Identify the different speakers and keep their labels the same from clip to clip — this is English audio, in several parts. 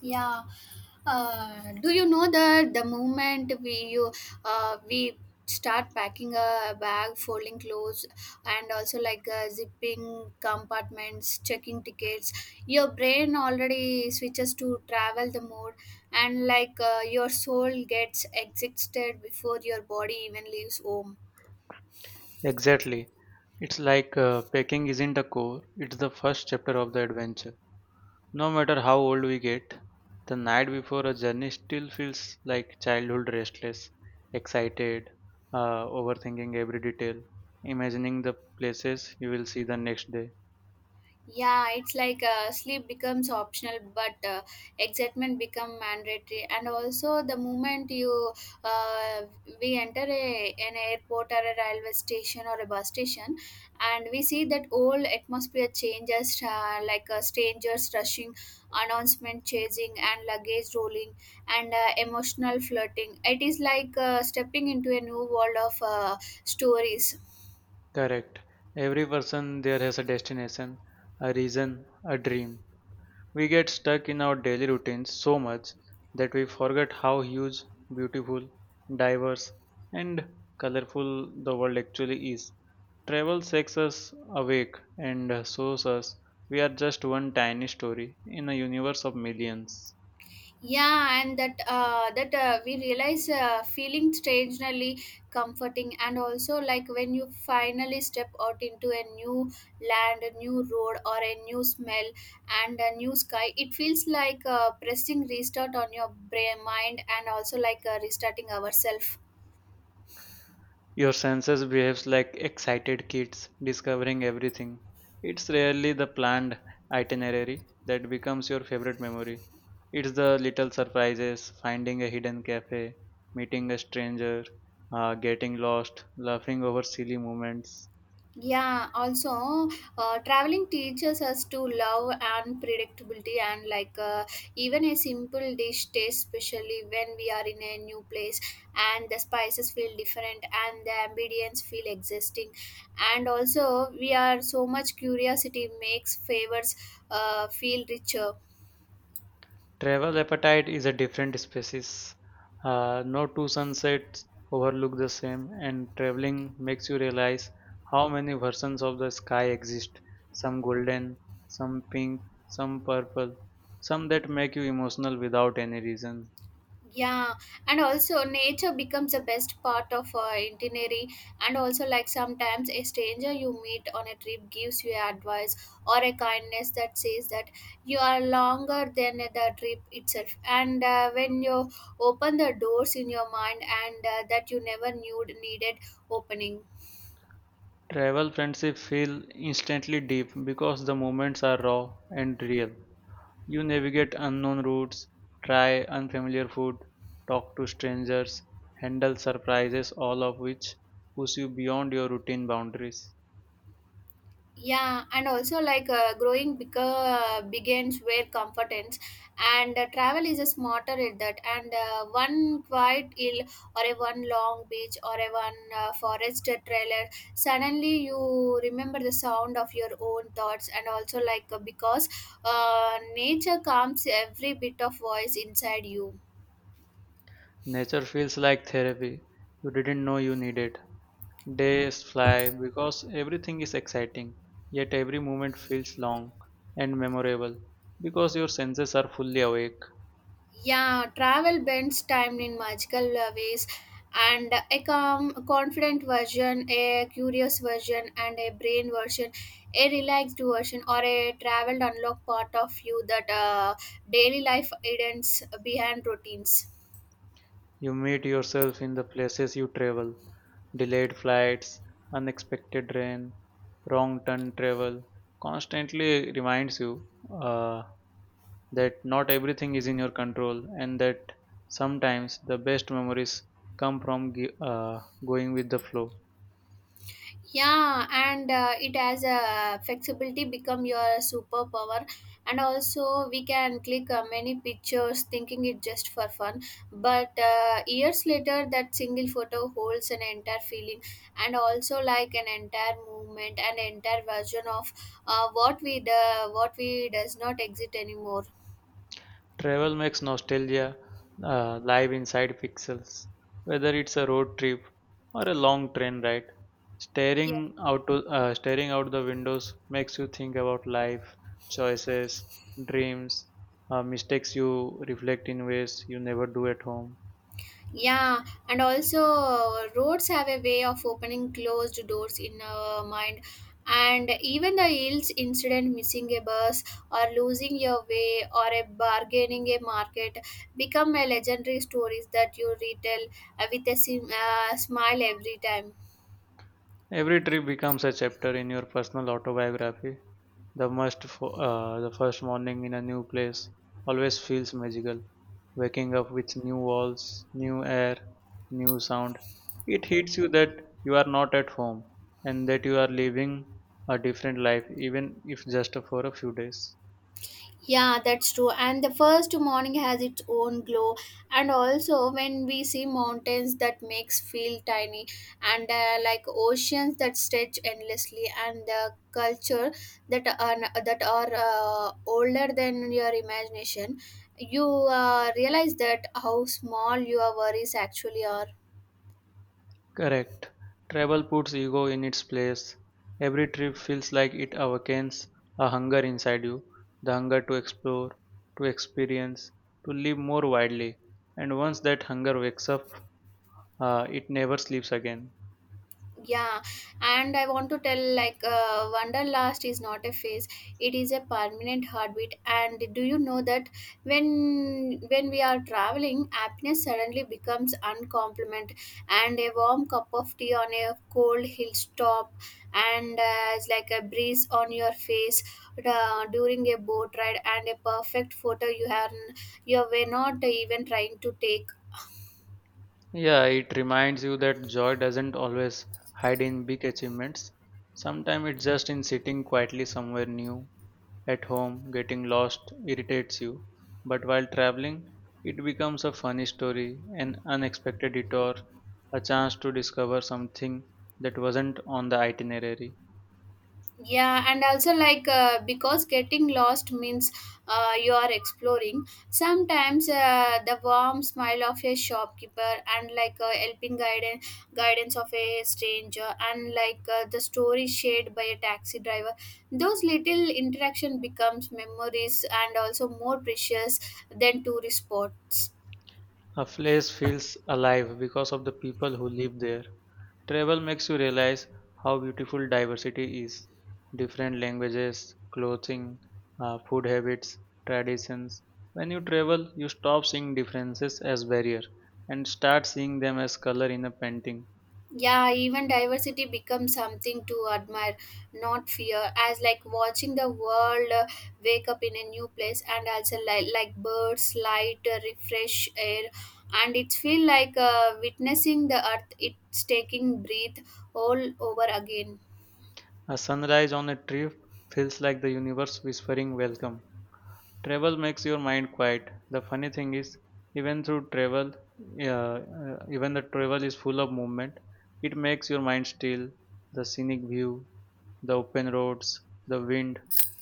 Speaker 1: Yeah. Do you know that the moment we start packing a bag, folding clothes, and also like zipping compartments, checking tickets, your brain already switches to travel the mode, and like your soul gets exhausted before your body even leaves home.
Speaker 2: Exactly. It's like packing isn't the core, it's the first chapter of the adventure. No matter how old we get, the night before a journey still feels like childhood restless, excited, overthinking every detail, imagining the places you will see the next day.
Speaker 1: Yeah, it's like sleep becomes optional but excitement become mandatory. And also the moment you uh, we enter an airport or a railway station or a bus station, and we see that whole atmosphere changes like strangers rushing, announcement chasing, and luggage rolling, and emotional flirting. It is like stepping into a new world of stories.
Speaker 2: Correct. Every person there has a destination, a reason, a dream. We get stuck in our daily routines so much that we forget how huge, beautiful, diverse, and colorful the world actually is. Travel shakes us awake and shows us we are just one tiny story in a universe of millions.
Speaker 1: Yeah, and that we realize feeling strangely comforting. And also like when you finally step out into a new land, a new road, or a new smell, and a new sky, it feels like pressing restart on your brain mind, and also like restarting ourselves.
Speaker 2: Your senses behaves like excited kids discovering everything. It's rarely the planned itinerary that becomes your favorite memory. It's the little surprises, finding a hidden cafe, meeting a stranger, getting lost, laughing over silly moments.
Speaker 1: Yeah, also traveling teaches us to love and predictability, and like even a simple dish tastes especially when we are in a new place, and the spices feel different and the ambience feel existing, and also we are so much curiosity makes favors feel richer.
Speaker 2: Travel appetite is a different species. No two sunsets overlook the same, and traveling makes you realize how many versions of the sky exist some golden, some pink, some purple, some that make you emotional without any reason.
Speaker 1: Yeah, and also nature becomes the best part of itinerary. And also like sometimes a stranger you meet on a trip gives you advice or a kindness that says that you are longer than the trip itself. And when you open the doors in your mind and that you never knew needed opening.
Speaker 2: Travel friendship feel instantly deep because the moments are raw and real. You navigate unknown routes, try unfamiliar food, talk to strangers, handle surprises, all of which push you beyond your routine boundaries.
Speaker 1: Yeah, and also like growing bigger begins where competence and travel is a smarter at that. And one quiet hill or a one long beach or a one forest trailer, suddenly you remember the sound of your own thoughts. And also like because nature calms every bit of voice inside you.
Speaker 2: Nature feels like therapy you didn't know you needed. Days fly because everything is exciting, yet every moment feels long and memorable because your senses are fully awake.
Speaker 1: Yeah, travel bends time in magical ways, and a calm, confident version, a curious version, and a brain version, a relaxed version, or a traveled unlock part of you that daily life hidden behind routines.
Speaker 2: You meet yourself in the places you travel, delayed flights, unexpected rain, wrong turn travel constantly reminds you uh, that not everything is in your control and that sometimes the best memories come from going with the flow.
Speaker 1: Yeah, and it has a flexibility become your superpower. And also we can click many pictures thinking it just for fun, but years later that single photo holds an entire feeling, and also like an entire movement, an entire version of what we does not exist anymore.
Speaker 2: Travel makes nostalgia live inside pixels, whether it's a road trip or a long train ride.
Speaker 1: Yeah.
Speaker 2: Staring out the windows makes you think about life, choices, dreams, mistakes you reflect in ways you never do at home.
Speaker 1: Yeah, and also roads have a way of opening closed doors in our mind. And even the yields incident, missing a bus or losing your way or a bargaining a market become a legendary stories that you retell with a smile every time.
Speaker 2: Every trip becomes a chapter in your personal autobiography. The first morning in a new place always feels magical. Waking up with new walls, new air, new sound. It hits you that you are not at home and that you are living a different life even if just for a few days.
Speaker 1: Yeah, that's true. And the first morning has its own glow. And also, when we see mountains that makes feel tiny, and like oceans that stretch endlessly, and the culture that are older than your imagination, you realize that how small your worries actually are.
Speaker 2: Correct. Travel puts ego in its place. Every trip feels like it awakens a hunger inside you, the hunger to explore, to experience, to live more widely. And once that hunger wakes up, it never sleeps again.
Speaker 1: Yeah, and I want to tell like wanderlust is not a phase, it is a permanent heartbeat. And do you know that when we are traveling, happiness suddenly becomes uncompliment, and a warm cup of tea on a cold hilltop, and it's like a breeze on your face during a boat ride, and a perfect photo you have you were not even trying to take.
Speaker 2: Yeah, it reminds you that joy doesn't always hide in big achievements. Sometimes it's just in sitting quietly somewhere new. At home, getting lost irritates you, but while traveling, it becomes a funny story, an unexpected detour, a chance to discover something that wasn't on the itinerary.
Speaker 1: Yeah, and also like because getting lost means you are exploring. Sometimes the warm smile of a shopkeeper, and like helping guidance of a stranger, and like the story shared by a taxi driver, those little interaction becomes memories, and also more precious than tourist spots.
Speaker 2: A place feels alive because of the people who live there. Travel makes you realize how beautiful diversity is. Different languages, clothing, food habits, traditions. When you travel, you stop seeing differences as barrier and start seeing them as color in a painting.
Speaker 1: Yeah, even diversity becomes something to admire, not fear, as like watching the world wake up in a new place. And also like birds light refresh air, and it feel like witnessing the earth it's taking breath all over again.
Speaker 2: A sunrise on a tree feels like the universe whispering welcome. Travel makes your mind quiet. The funny thing is, even through travel, even the travel is full of movement, it makes your mind still. The scenic view, the open roads, the wind,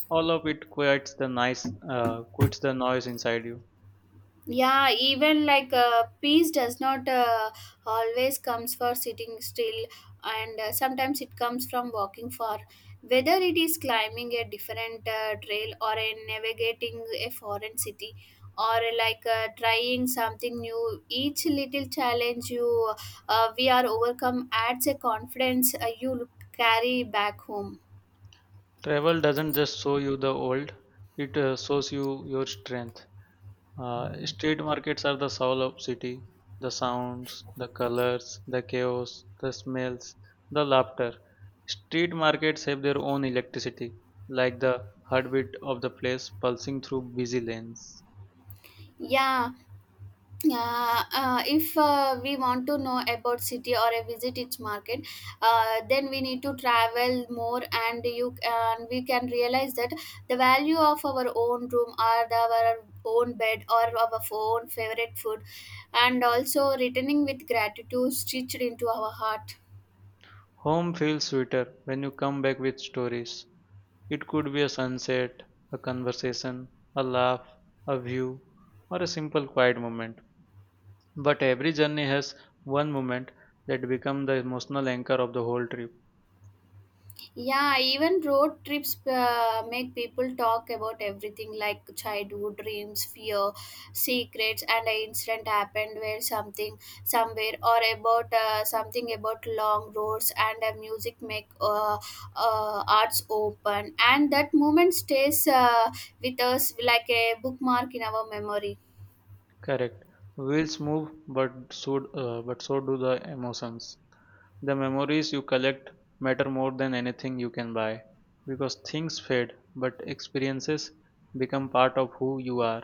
Speaker 2: all of it quiets the quits the noise inside you.
Speaker 1: Yeah, even like peace does not always comes for sitting still. And sometimes it comes from walking far, whether it is climbing a different trail or in navigating a foreign city, or like trying something new, each little challenge you we are overcome adds a confidence you carry back home.
Speaker 2: Travel doesn't just show you the old; it shows you your strength. Street markets are the soul of city. The sounds, the colors, the chaos, the smells, the laughter. Street markets have their own electricity, like the heartbeat of the place pulsing through busy lanes.
Speaker 1: Yeah. If we want to know about city or a visit its market, then we need to travel more. And you and we can realize that the value of our own room, or our own bed, or our own favorite food, and also returning with gratitude stitched into our heart.
Speaker 2: Home feels sweeter when you come back with stories. It could be a sunset, a conversation, a laugh, a view, or a simple quiet moment. But every journey has one moment that becomes the emotional anchor of the whole trip.
Speaker 1: Yeah, even road trips make people talk about everything, like childhood dreams, fear, secrets, and an incident happened where something somewhere, or about something about long roads, and music make arts open. And that moment stays with us like a bookmark in our memory.
Speaker 2: Correct. Wheels move, but so but so do the emotions. The memories you collect matter more than anything you can buy, because things fade, but experiences become part of who you are.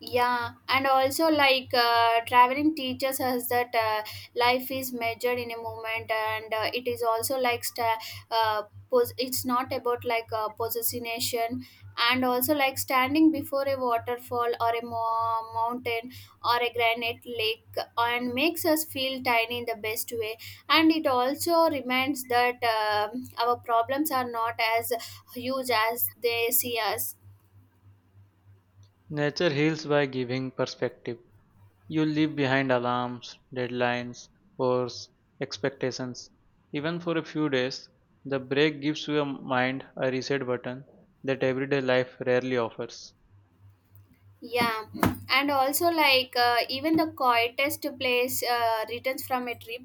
Speaker 1: Yeah, and also like traveling teaches us that life is measured in a moment, and it is also like uh, it's not about like possession. And also like standing before a waterfall or a mountain or a granite lake, and makes us feel tiny in the best way. And it also reminds that our problems are not as huge as they see us.
Speaker 2: Nature heals by giving perspective. You leave behind alarms, deadlines, hours, expectations. Even for a few days, the break gives your mind a reset button that everyday life rarely offers.
Speaker 1: Yeah, and also like even the quietest place returns from a trip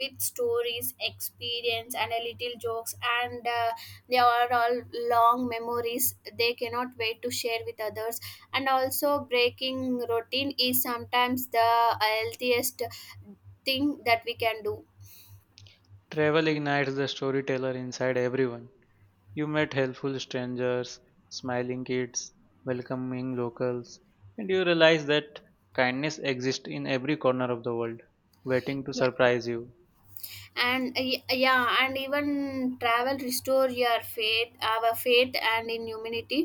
Speaker 1: with stories, experience, and a little jokes, and they are all long memories. They cannot wait to share with others. And also, breaking routine is sometimes the healthiest thing that we can do.
Speaker 2: Travel ignites the storyteller inside everyone. You met helpful strangers, smiling kids, welcoming locals, and you realize that kindness exists in every corner of the world, waiting to surprise you.
Speaker 1: And yeah, and even travel restore your faith our faith and in humanity.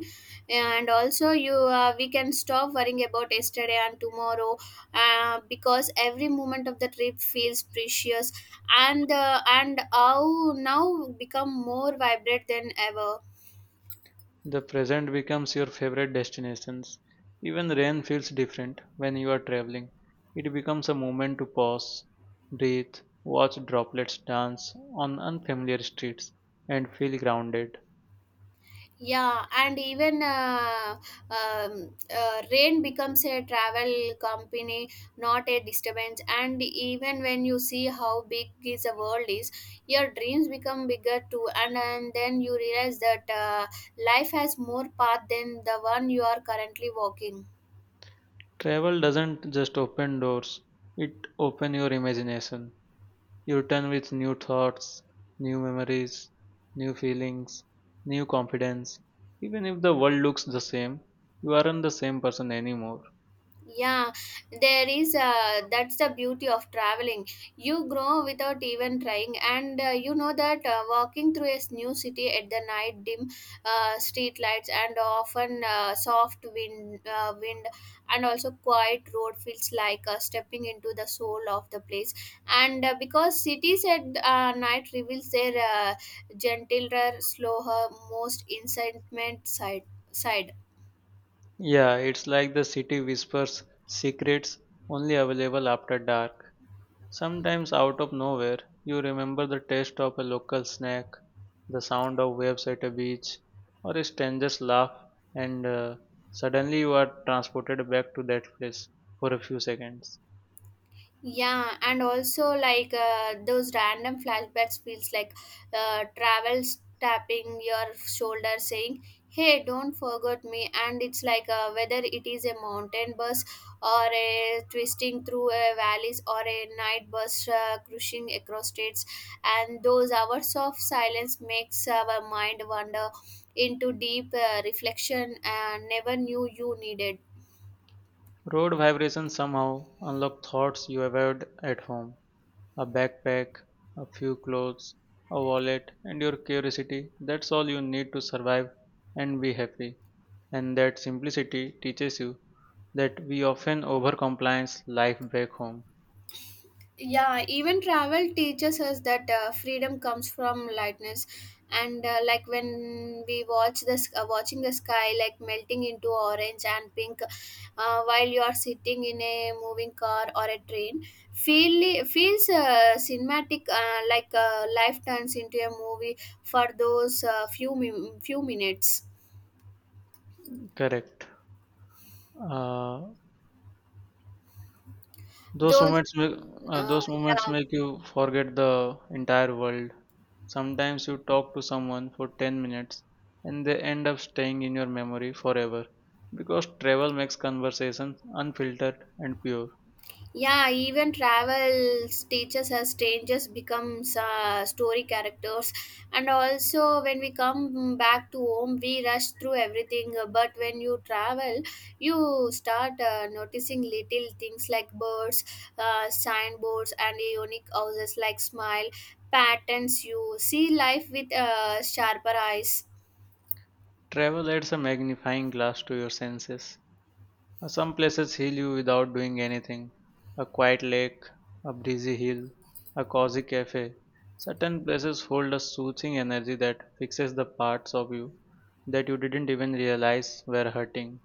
Speaker 1: And also you we can stop worrying about yesterday and tomorrow, because every moment of the trip feels precious. And how now become more vibrant than ever.
Speaker 2: The present becomes your favorite destinations. Even rain feels different when you are traveling. It becomes a moment to pause, breathe, watch droplets dance on unfamiliar streets, and feel grounded.
Speaker 1: Yeah, and even rain becomes a travel company, not a disturbance. And even when you see how big is the world is, your dreams become bigger too. And then you realize that life has more path than the one you are currently walking.
Speaker 2: Travel doesn't just open doors, it opens your imagination. You return with new thoughts, new memories, new feelings, new confidence. Even if the world looks the same, you aren't the same person anymore.
Speaker 1: Yeah, there is that's the beauty of traveling. You grow without even trying. And you know that walking through a new city at the night dim street lights, and often soft wind and also quiet road feels like stepping into the soul of the place. And because cities at night reveals their gentler slower most incitement side.
Speaker 2: Yeah, it's like the city whispers secrets only available after dark. Sometimes, out of nowhere, you remember the taste of a local snack, the sound of waves at a beach, or a stranger's laugh, and suddenly you are transported back to that place for a few seconds.
Speaker 1: Yeah, and also like those random flashbacks feels like travels tapping your shoulder saying hey, don't forget me. And it's like whether it is a mountain bus or a twisting through a valleys, or a night bus cruising across states, and those hours of silence makes our mind wander into deep reflection, and never knew you needed.
Speaker 2: Road vibrations somehow unlock thoughts you avoid at home. A backpack, a few clothes, a wallet, and your curiosity. That's all you need to survive and be happy. And that simplicity teaches you that we often overcompliance life back home.
Speaker 1: Yeah, even travel teaches us that freedom comes from lightness. And like when we watch this watching the sky like melting into orange and pink, while you are sitting in a moving car or a train, feels cinematic, like life turns into a movie for those few minutes.
Speaker 2: Correct. Uh, those
Speaker 1: Those
Speaker 2: moments make
Speaker 1: uh,
Speaker 2: those moments
Speaker 1: yeah.
Speaker 2: make you forget the entire world. Sometimes you talk to someone for 10 minutes and they end up staying in your memory forever because travel makes conversations unfiltered and pure.
Speaker 1: Yeah, even travels teaches us strangers becomes story characters, and also when we come back to home, we rush through everything. But when you travel, you start noticing little things like birds, signboards, and unique houses like smile patterns. You see life with sharper eyes.
Speaker 2: Travel adds a magnifying glass to your senses. Some places heal you without doing anything a quiet lake, a breezy hill, a cozy cafe. Certain places hold a soothing energy that fixes the parts of you that you didn't even realize were hurting.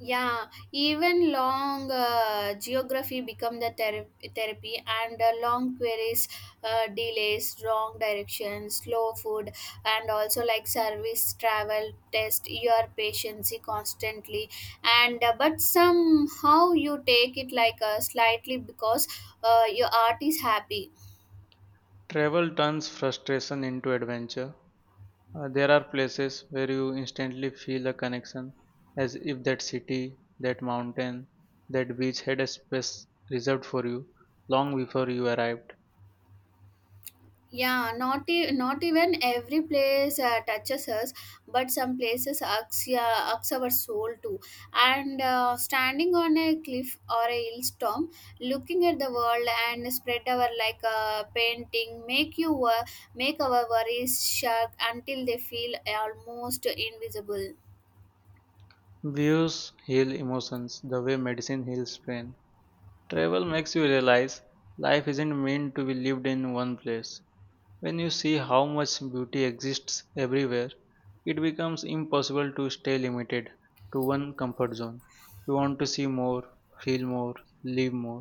Speaker 1: Yeah, even long geography become the therapy, and long queries, delays, wrong directions, slow food, and also like service, travel test your patience constantly. And but somehow you take it like a slightly, because your art is happy.
Speaker 2: Travel turns frustration into adventure There are places where you instantly feel a connection, as if that city, that mountain, that beach had a space reserved for you long before you arrived.
Speaker 1: Yeah, not even every place touches us, but some places irks, yeah, irks our soul too. And standing on a cliff or a hillstorm, looking at the world and spread our like a painting make you make our worries shock until they feel almost invisible.
Speaker 2: Views heal emotions the way medicine heals pain. Travel makes you realize life isn't meant to be lived in one place. When you see how much beauty exists everywhere, it becomes impossible to stay limited to one comfort zone. You want to see more, feel more, live more.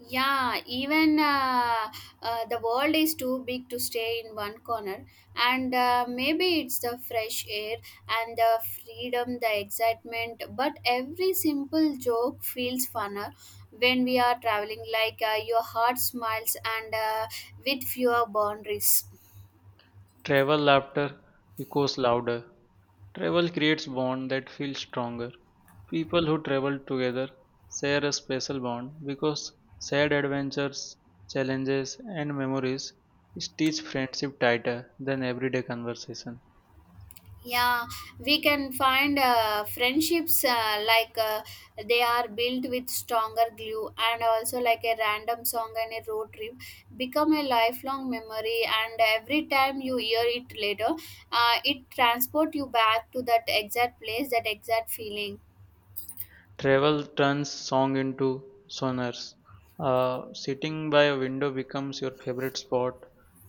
Speaker 1: Yeah, even the world is too big to stay in one corner. And maybe it's the fresh air and the freedom, the excitement. But every simple joke feels funner when we are traveling, like your heart smiles, and with fewer boundaries.
Speaker 2: Travel laughter echoes louder. Travel creates bond that feels stronger. People who travel together share a special bond because shared adventures, challenges, and memories stitch friendship tighter than everyday conversation.
Speaker 1: Yeah, we can find friendships, they are built with stronger glue. And also like a random song and a road trip become a lifelong memory, and every time you hear it later it transport you back to that exact place, that exact feeling.
Speaker 2: Travel turns song into sonars. Sitting by a window becomes your favorite spot,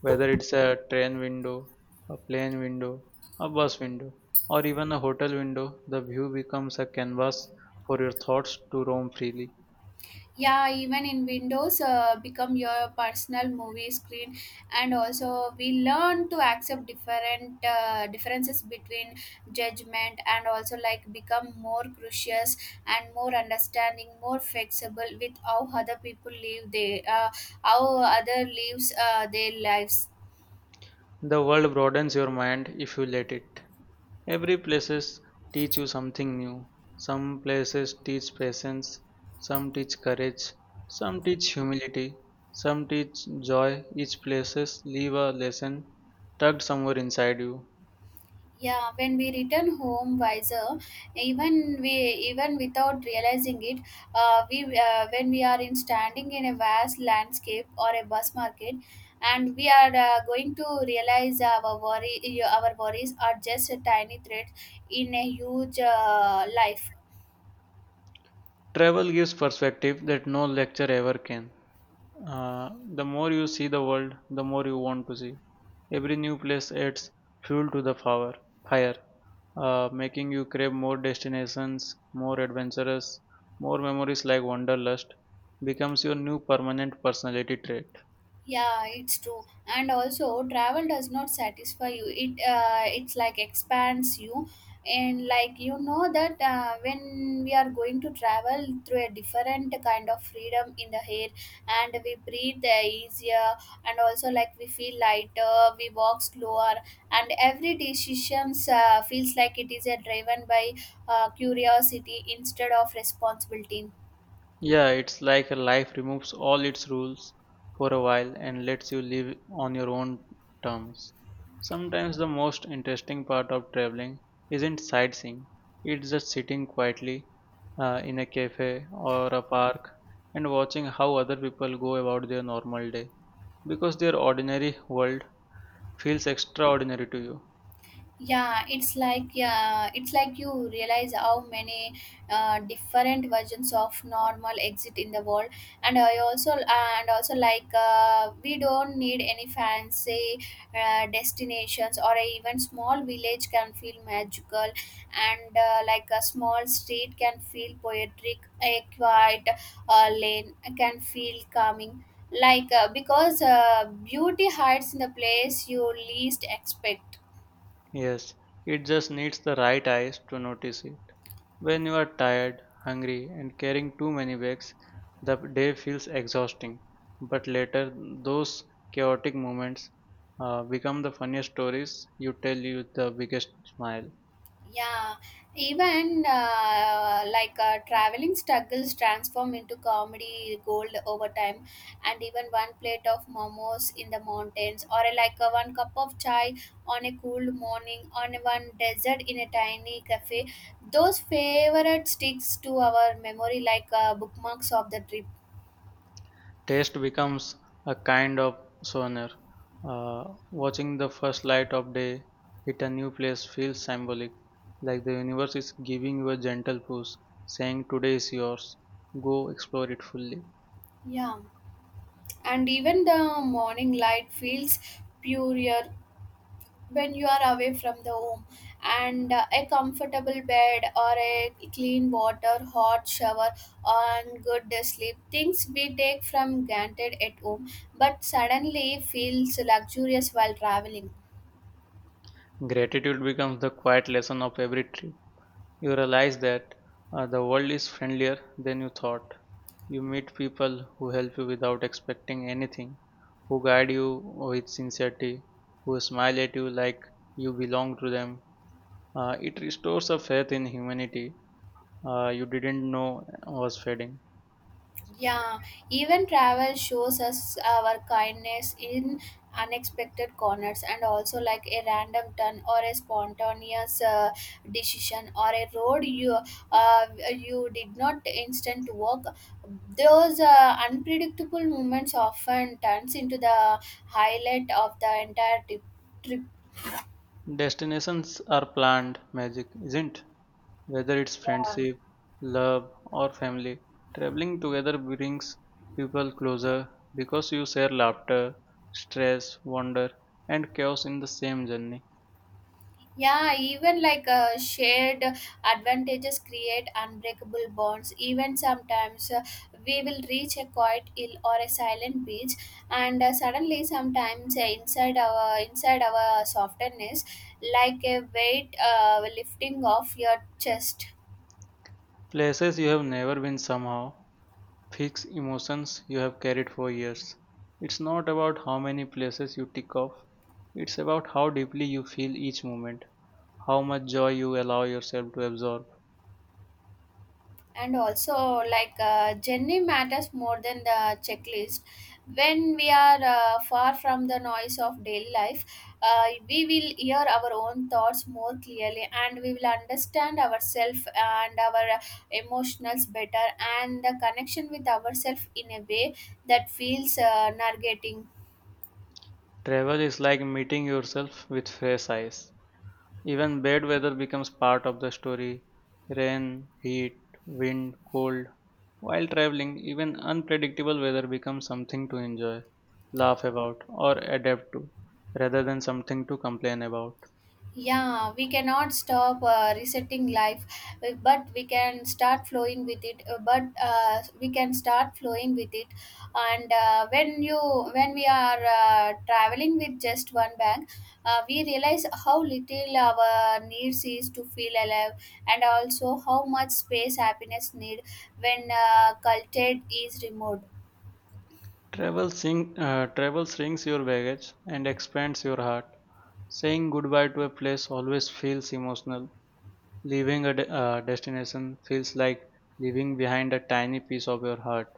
Speaker 2: whether it's a train window, a plane window, a bus window, or even a hotel window. The view becomes a canvas for your thoughts to roam freely.
Speaker 1: Yeah, even in windows become your personal movie screen. And also we learn to accept different differences between judgment, and also like become more gracious and more understanding, more flexible with how other people live, they how other lives their lives.
Speaker 2: The world broadens your mind if you let it. Every places teach you something new. Some places teach patience, some teach courage, some teach humility, some teach joy. Each places leave a lesson tucked somewhere inside you.
Speaker 1: Yeah, when we return home wiser, even we even without realizing it, we when we are in standing in a vast landscape or a bus market, and we are going to realize our worries are just a tiny thread in a huge life.
Speaker 2: Travel gives perspective that no lecture ever can. Uh, the more you see the world, the more you want to see. Every new place adds fuel to the fire, fire, making you crave more destinations, more adventurous, more memories like wanderlust becomes your new permanent personality trait.
Speaker 1: Yeah, it's true. And also, travel does not satisfy you. It's like expands you, and like you know that when we are going to travel through a different kind of freedom in the air, and we breathe easier, and also like we feel lighter, we walk slower, and every decisions feels like it is driven by curiosity instead of responsibility.
Speaker 2: Yeah, it's like a life removes all its rules for a while and lets you live on your own terms. Sometimes the most interesting part of traveling isn't sightseeing, it's just sitting quietly in a cafe or a park and watching how other people go about their normal day because their ordinary world feels extraordinary to you.
Speaker 1: Yeah, it's like you realize how many different versions of normal exit in the world. And also we don't need any fancy destinations, or a even small village can feel magical. And a small street can feel poetic, a quiet lane can feel calming, because beauty hides in the place you least expect.
Speaker 2: Yes, it just needs the right eyes to notice it. When you are tired, hungry, and carrying too many bags, the day feels exhausting. But later, those chaotic moments become the funniest stories you tell you with the biggest smile.
Speaker 1: Yeah, even like traveling struggles transform into comedy gold over time. And even one plate of momos in the mountains, or one cup of chai on a cool morning on one desert in a tiny cafe, those favorite sticks to our memory like bookmarks of the trip.
Speaker 2: Taste becomes a kind of souvenir. Uh, Watching the first light of day hit a new place feels symbolic, like the universe is giving you a gentle push, saying, Today is yours. Go explore it fully.
Speaker 1: Yeah, and even the morning light feels purer when you are away from the home. And a comfortable bed or a clean water hot shower and good sleep, things we take from granted at home, but suddenly feels luxurious while traveling.
Speaker 2: Gratitude becomes the quiet lesson of every trip. You realize that the world is friendlier than you thought. You meet people who help you without expecting anything, who guide you with sincerity, who smile at you like you belong to them. It restores a faith in humanity you didn't know was fading.
Speaker 1: Yeah, even travel shows us our kindness in unexpected corners. And also like a random turn or a spontaneous decision, or a road you uh, you did not instant walk, those unpredictable moments often turns into the highlight of the entire trip.
Speaker 2: Destinations are planned, magic isn't. Whether it's
Speaker 1: Yeah,
Speaker 2: friendship, love, or family, traveling together brings people closer because you share laughter, stress, wonder, and chaos in the same journey.
Speaker 1: Yeah, even like shared advantages create unbreakable bonds. Even sometimes we will reach a quiet hill or a silent beach, and suddenly sometimes inside our softness, like a weight lifting off your chest.
Speaker 2: Places you have never been somehow fix emotions you have carried for years. It's not about how many places you tick off, it's about how deeply you feel each moment, how much joy you allow yourself to absorb.
Speaker 1: And also like journey matters more than the checklist. When we are far from the noise of daily life, we will hear our own thoughts more clearly, and we will understand ourselves and our emotions better, and the connection with ourselves in a way that feels narrating.
Speaker 2: Travel is like meeting yourself with fresh eyes. Even bad weather becomes part of the story. Rain, heat, wind, cold. While traveling, even unpredictable weather becomes something to enjoy, laugh about, or adapt to, rather than something to complain about.
Speaker 1: Yeah, we cannot stop resetting life, but we can start flowing with it but we can start flowing with it. And when we are traveling with just one bag, we realize how little our needs is to feel alive, and also how much space happiness need when culture is removed.
Speaker 2: Travel shrinks your baggage and expands your heart. Saying goodbye to a place always feels emotional. Destination feels like leaving behind a tiny piece of your heart.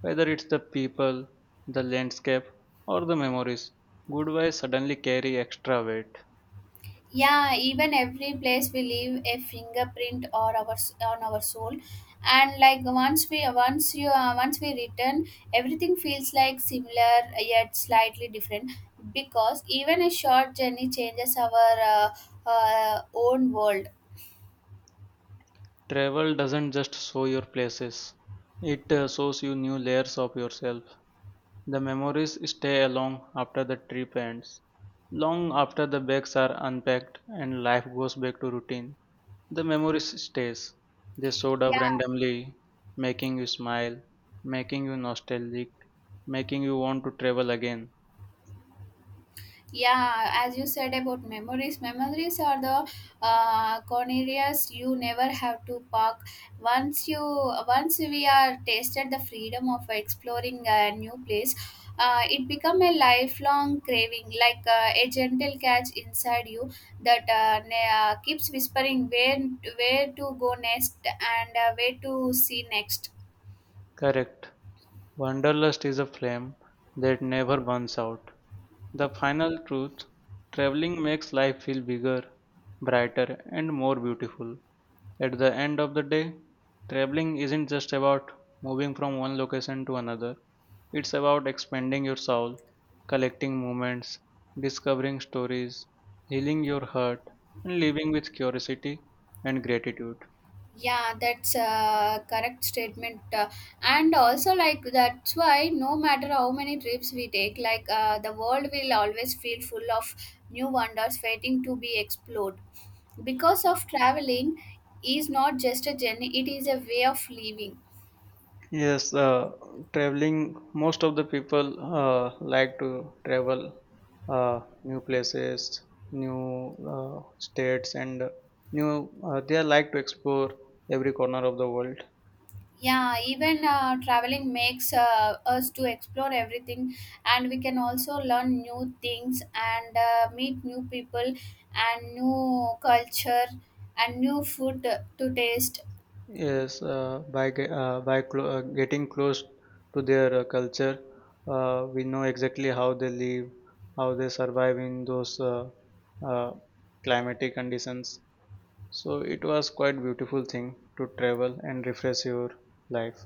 Speaker 2: Whether it's the people, the landscape, or the memories, goodbyes suddenly carry extra weight.
Speaker 1: Yeah, even every place we leave a fingerprint or our on our soul. And like once we return, everything feels like similar yet slightly different, because even a short journey changes our own world.
Speaker 2: Travel doesn't just show your places, it shows you new layers of yourself. The memories stay along after the trip ends. Long after the bags are unpacked and life goes back to routine, the memories stays. They showed up
Speaker 1: Yeah.
Speaker 2: randomly, making you smile, making you nostalgic, making you want to travel again.
Speaker 1: Yeah, as you said about memories, memories are the cornerias you never have to park. Once you, once we are tasted the freedom of exploring a new place, it become a lifelong craving, like a gentle catch inside you that keeps whispering where to go next, and where to see next.
Speaker 2: Correct. Wanderlust is a flame that never burns out. The final truth traveling makes life feel bigger, brighter, and more beautiful. At the end of the day, traveling isn't just about moving from one location to another, it's about expanding your soul, collecting moments, discovering stories, healing your heart, and living with curiosity and gratitude.
Speaker 1: Yeah, that's a correct statement. And also, like, that's why no matter how many trips we take, like, the world will always feel full of new wonders waiting to be explored. Because of traveling is not just a journey, it is a way of living.
Speaker 2: Yes, traveling. Most of the people like to travel new places, new states, and new. They like to explore every corner of the world.
Speaker 1: Yeah, even traveling makes us to explore everything, and we can also learn new things, and meet new people, and new culture, and new food to taste.
Speaker 2: Yes, by ge- by clo- getting close to their culture, we know exactly how they live, how they survive in those uh, climatic conditions, so it was quite beautiful thing to travel and refresh your life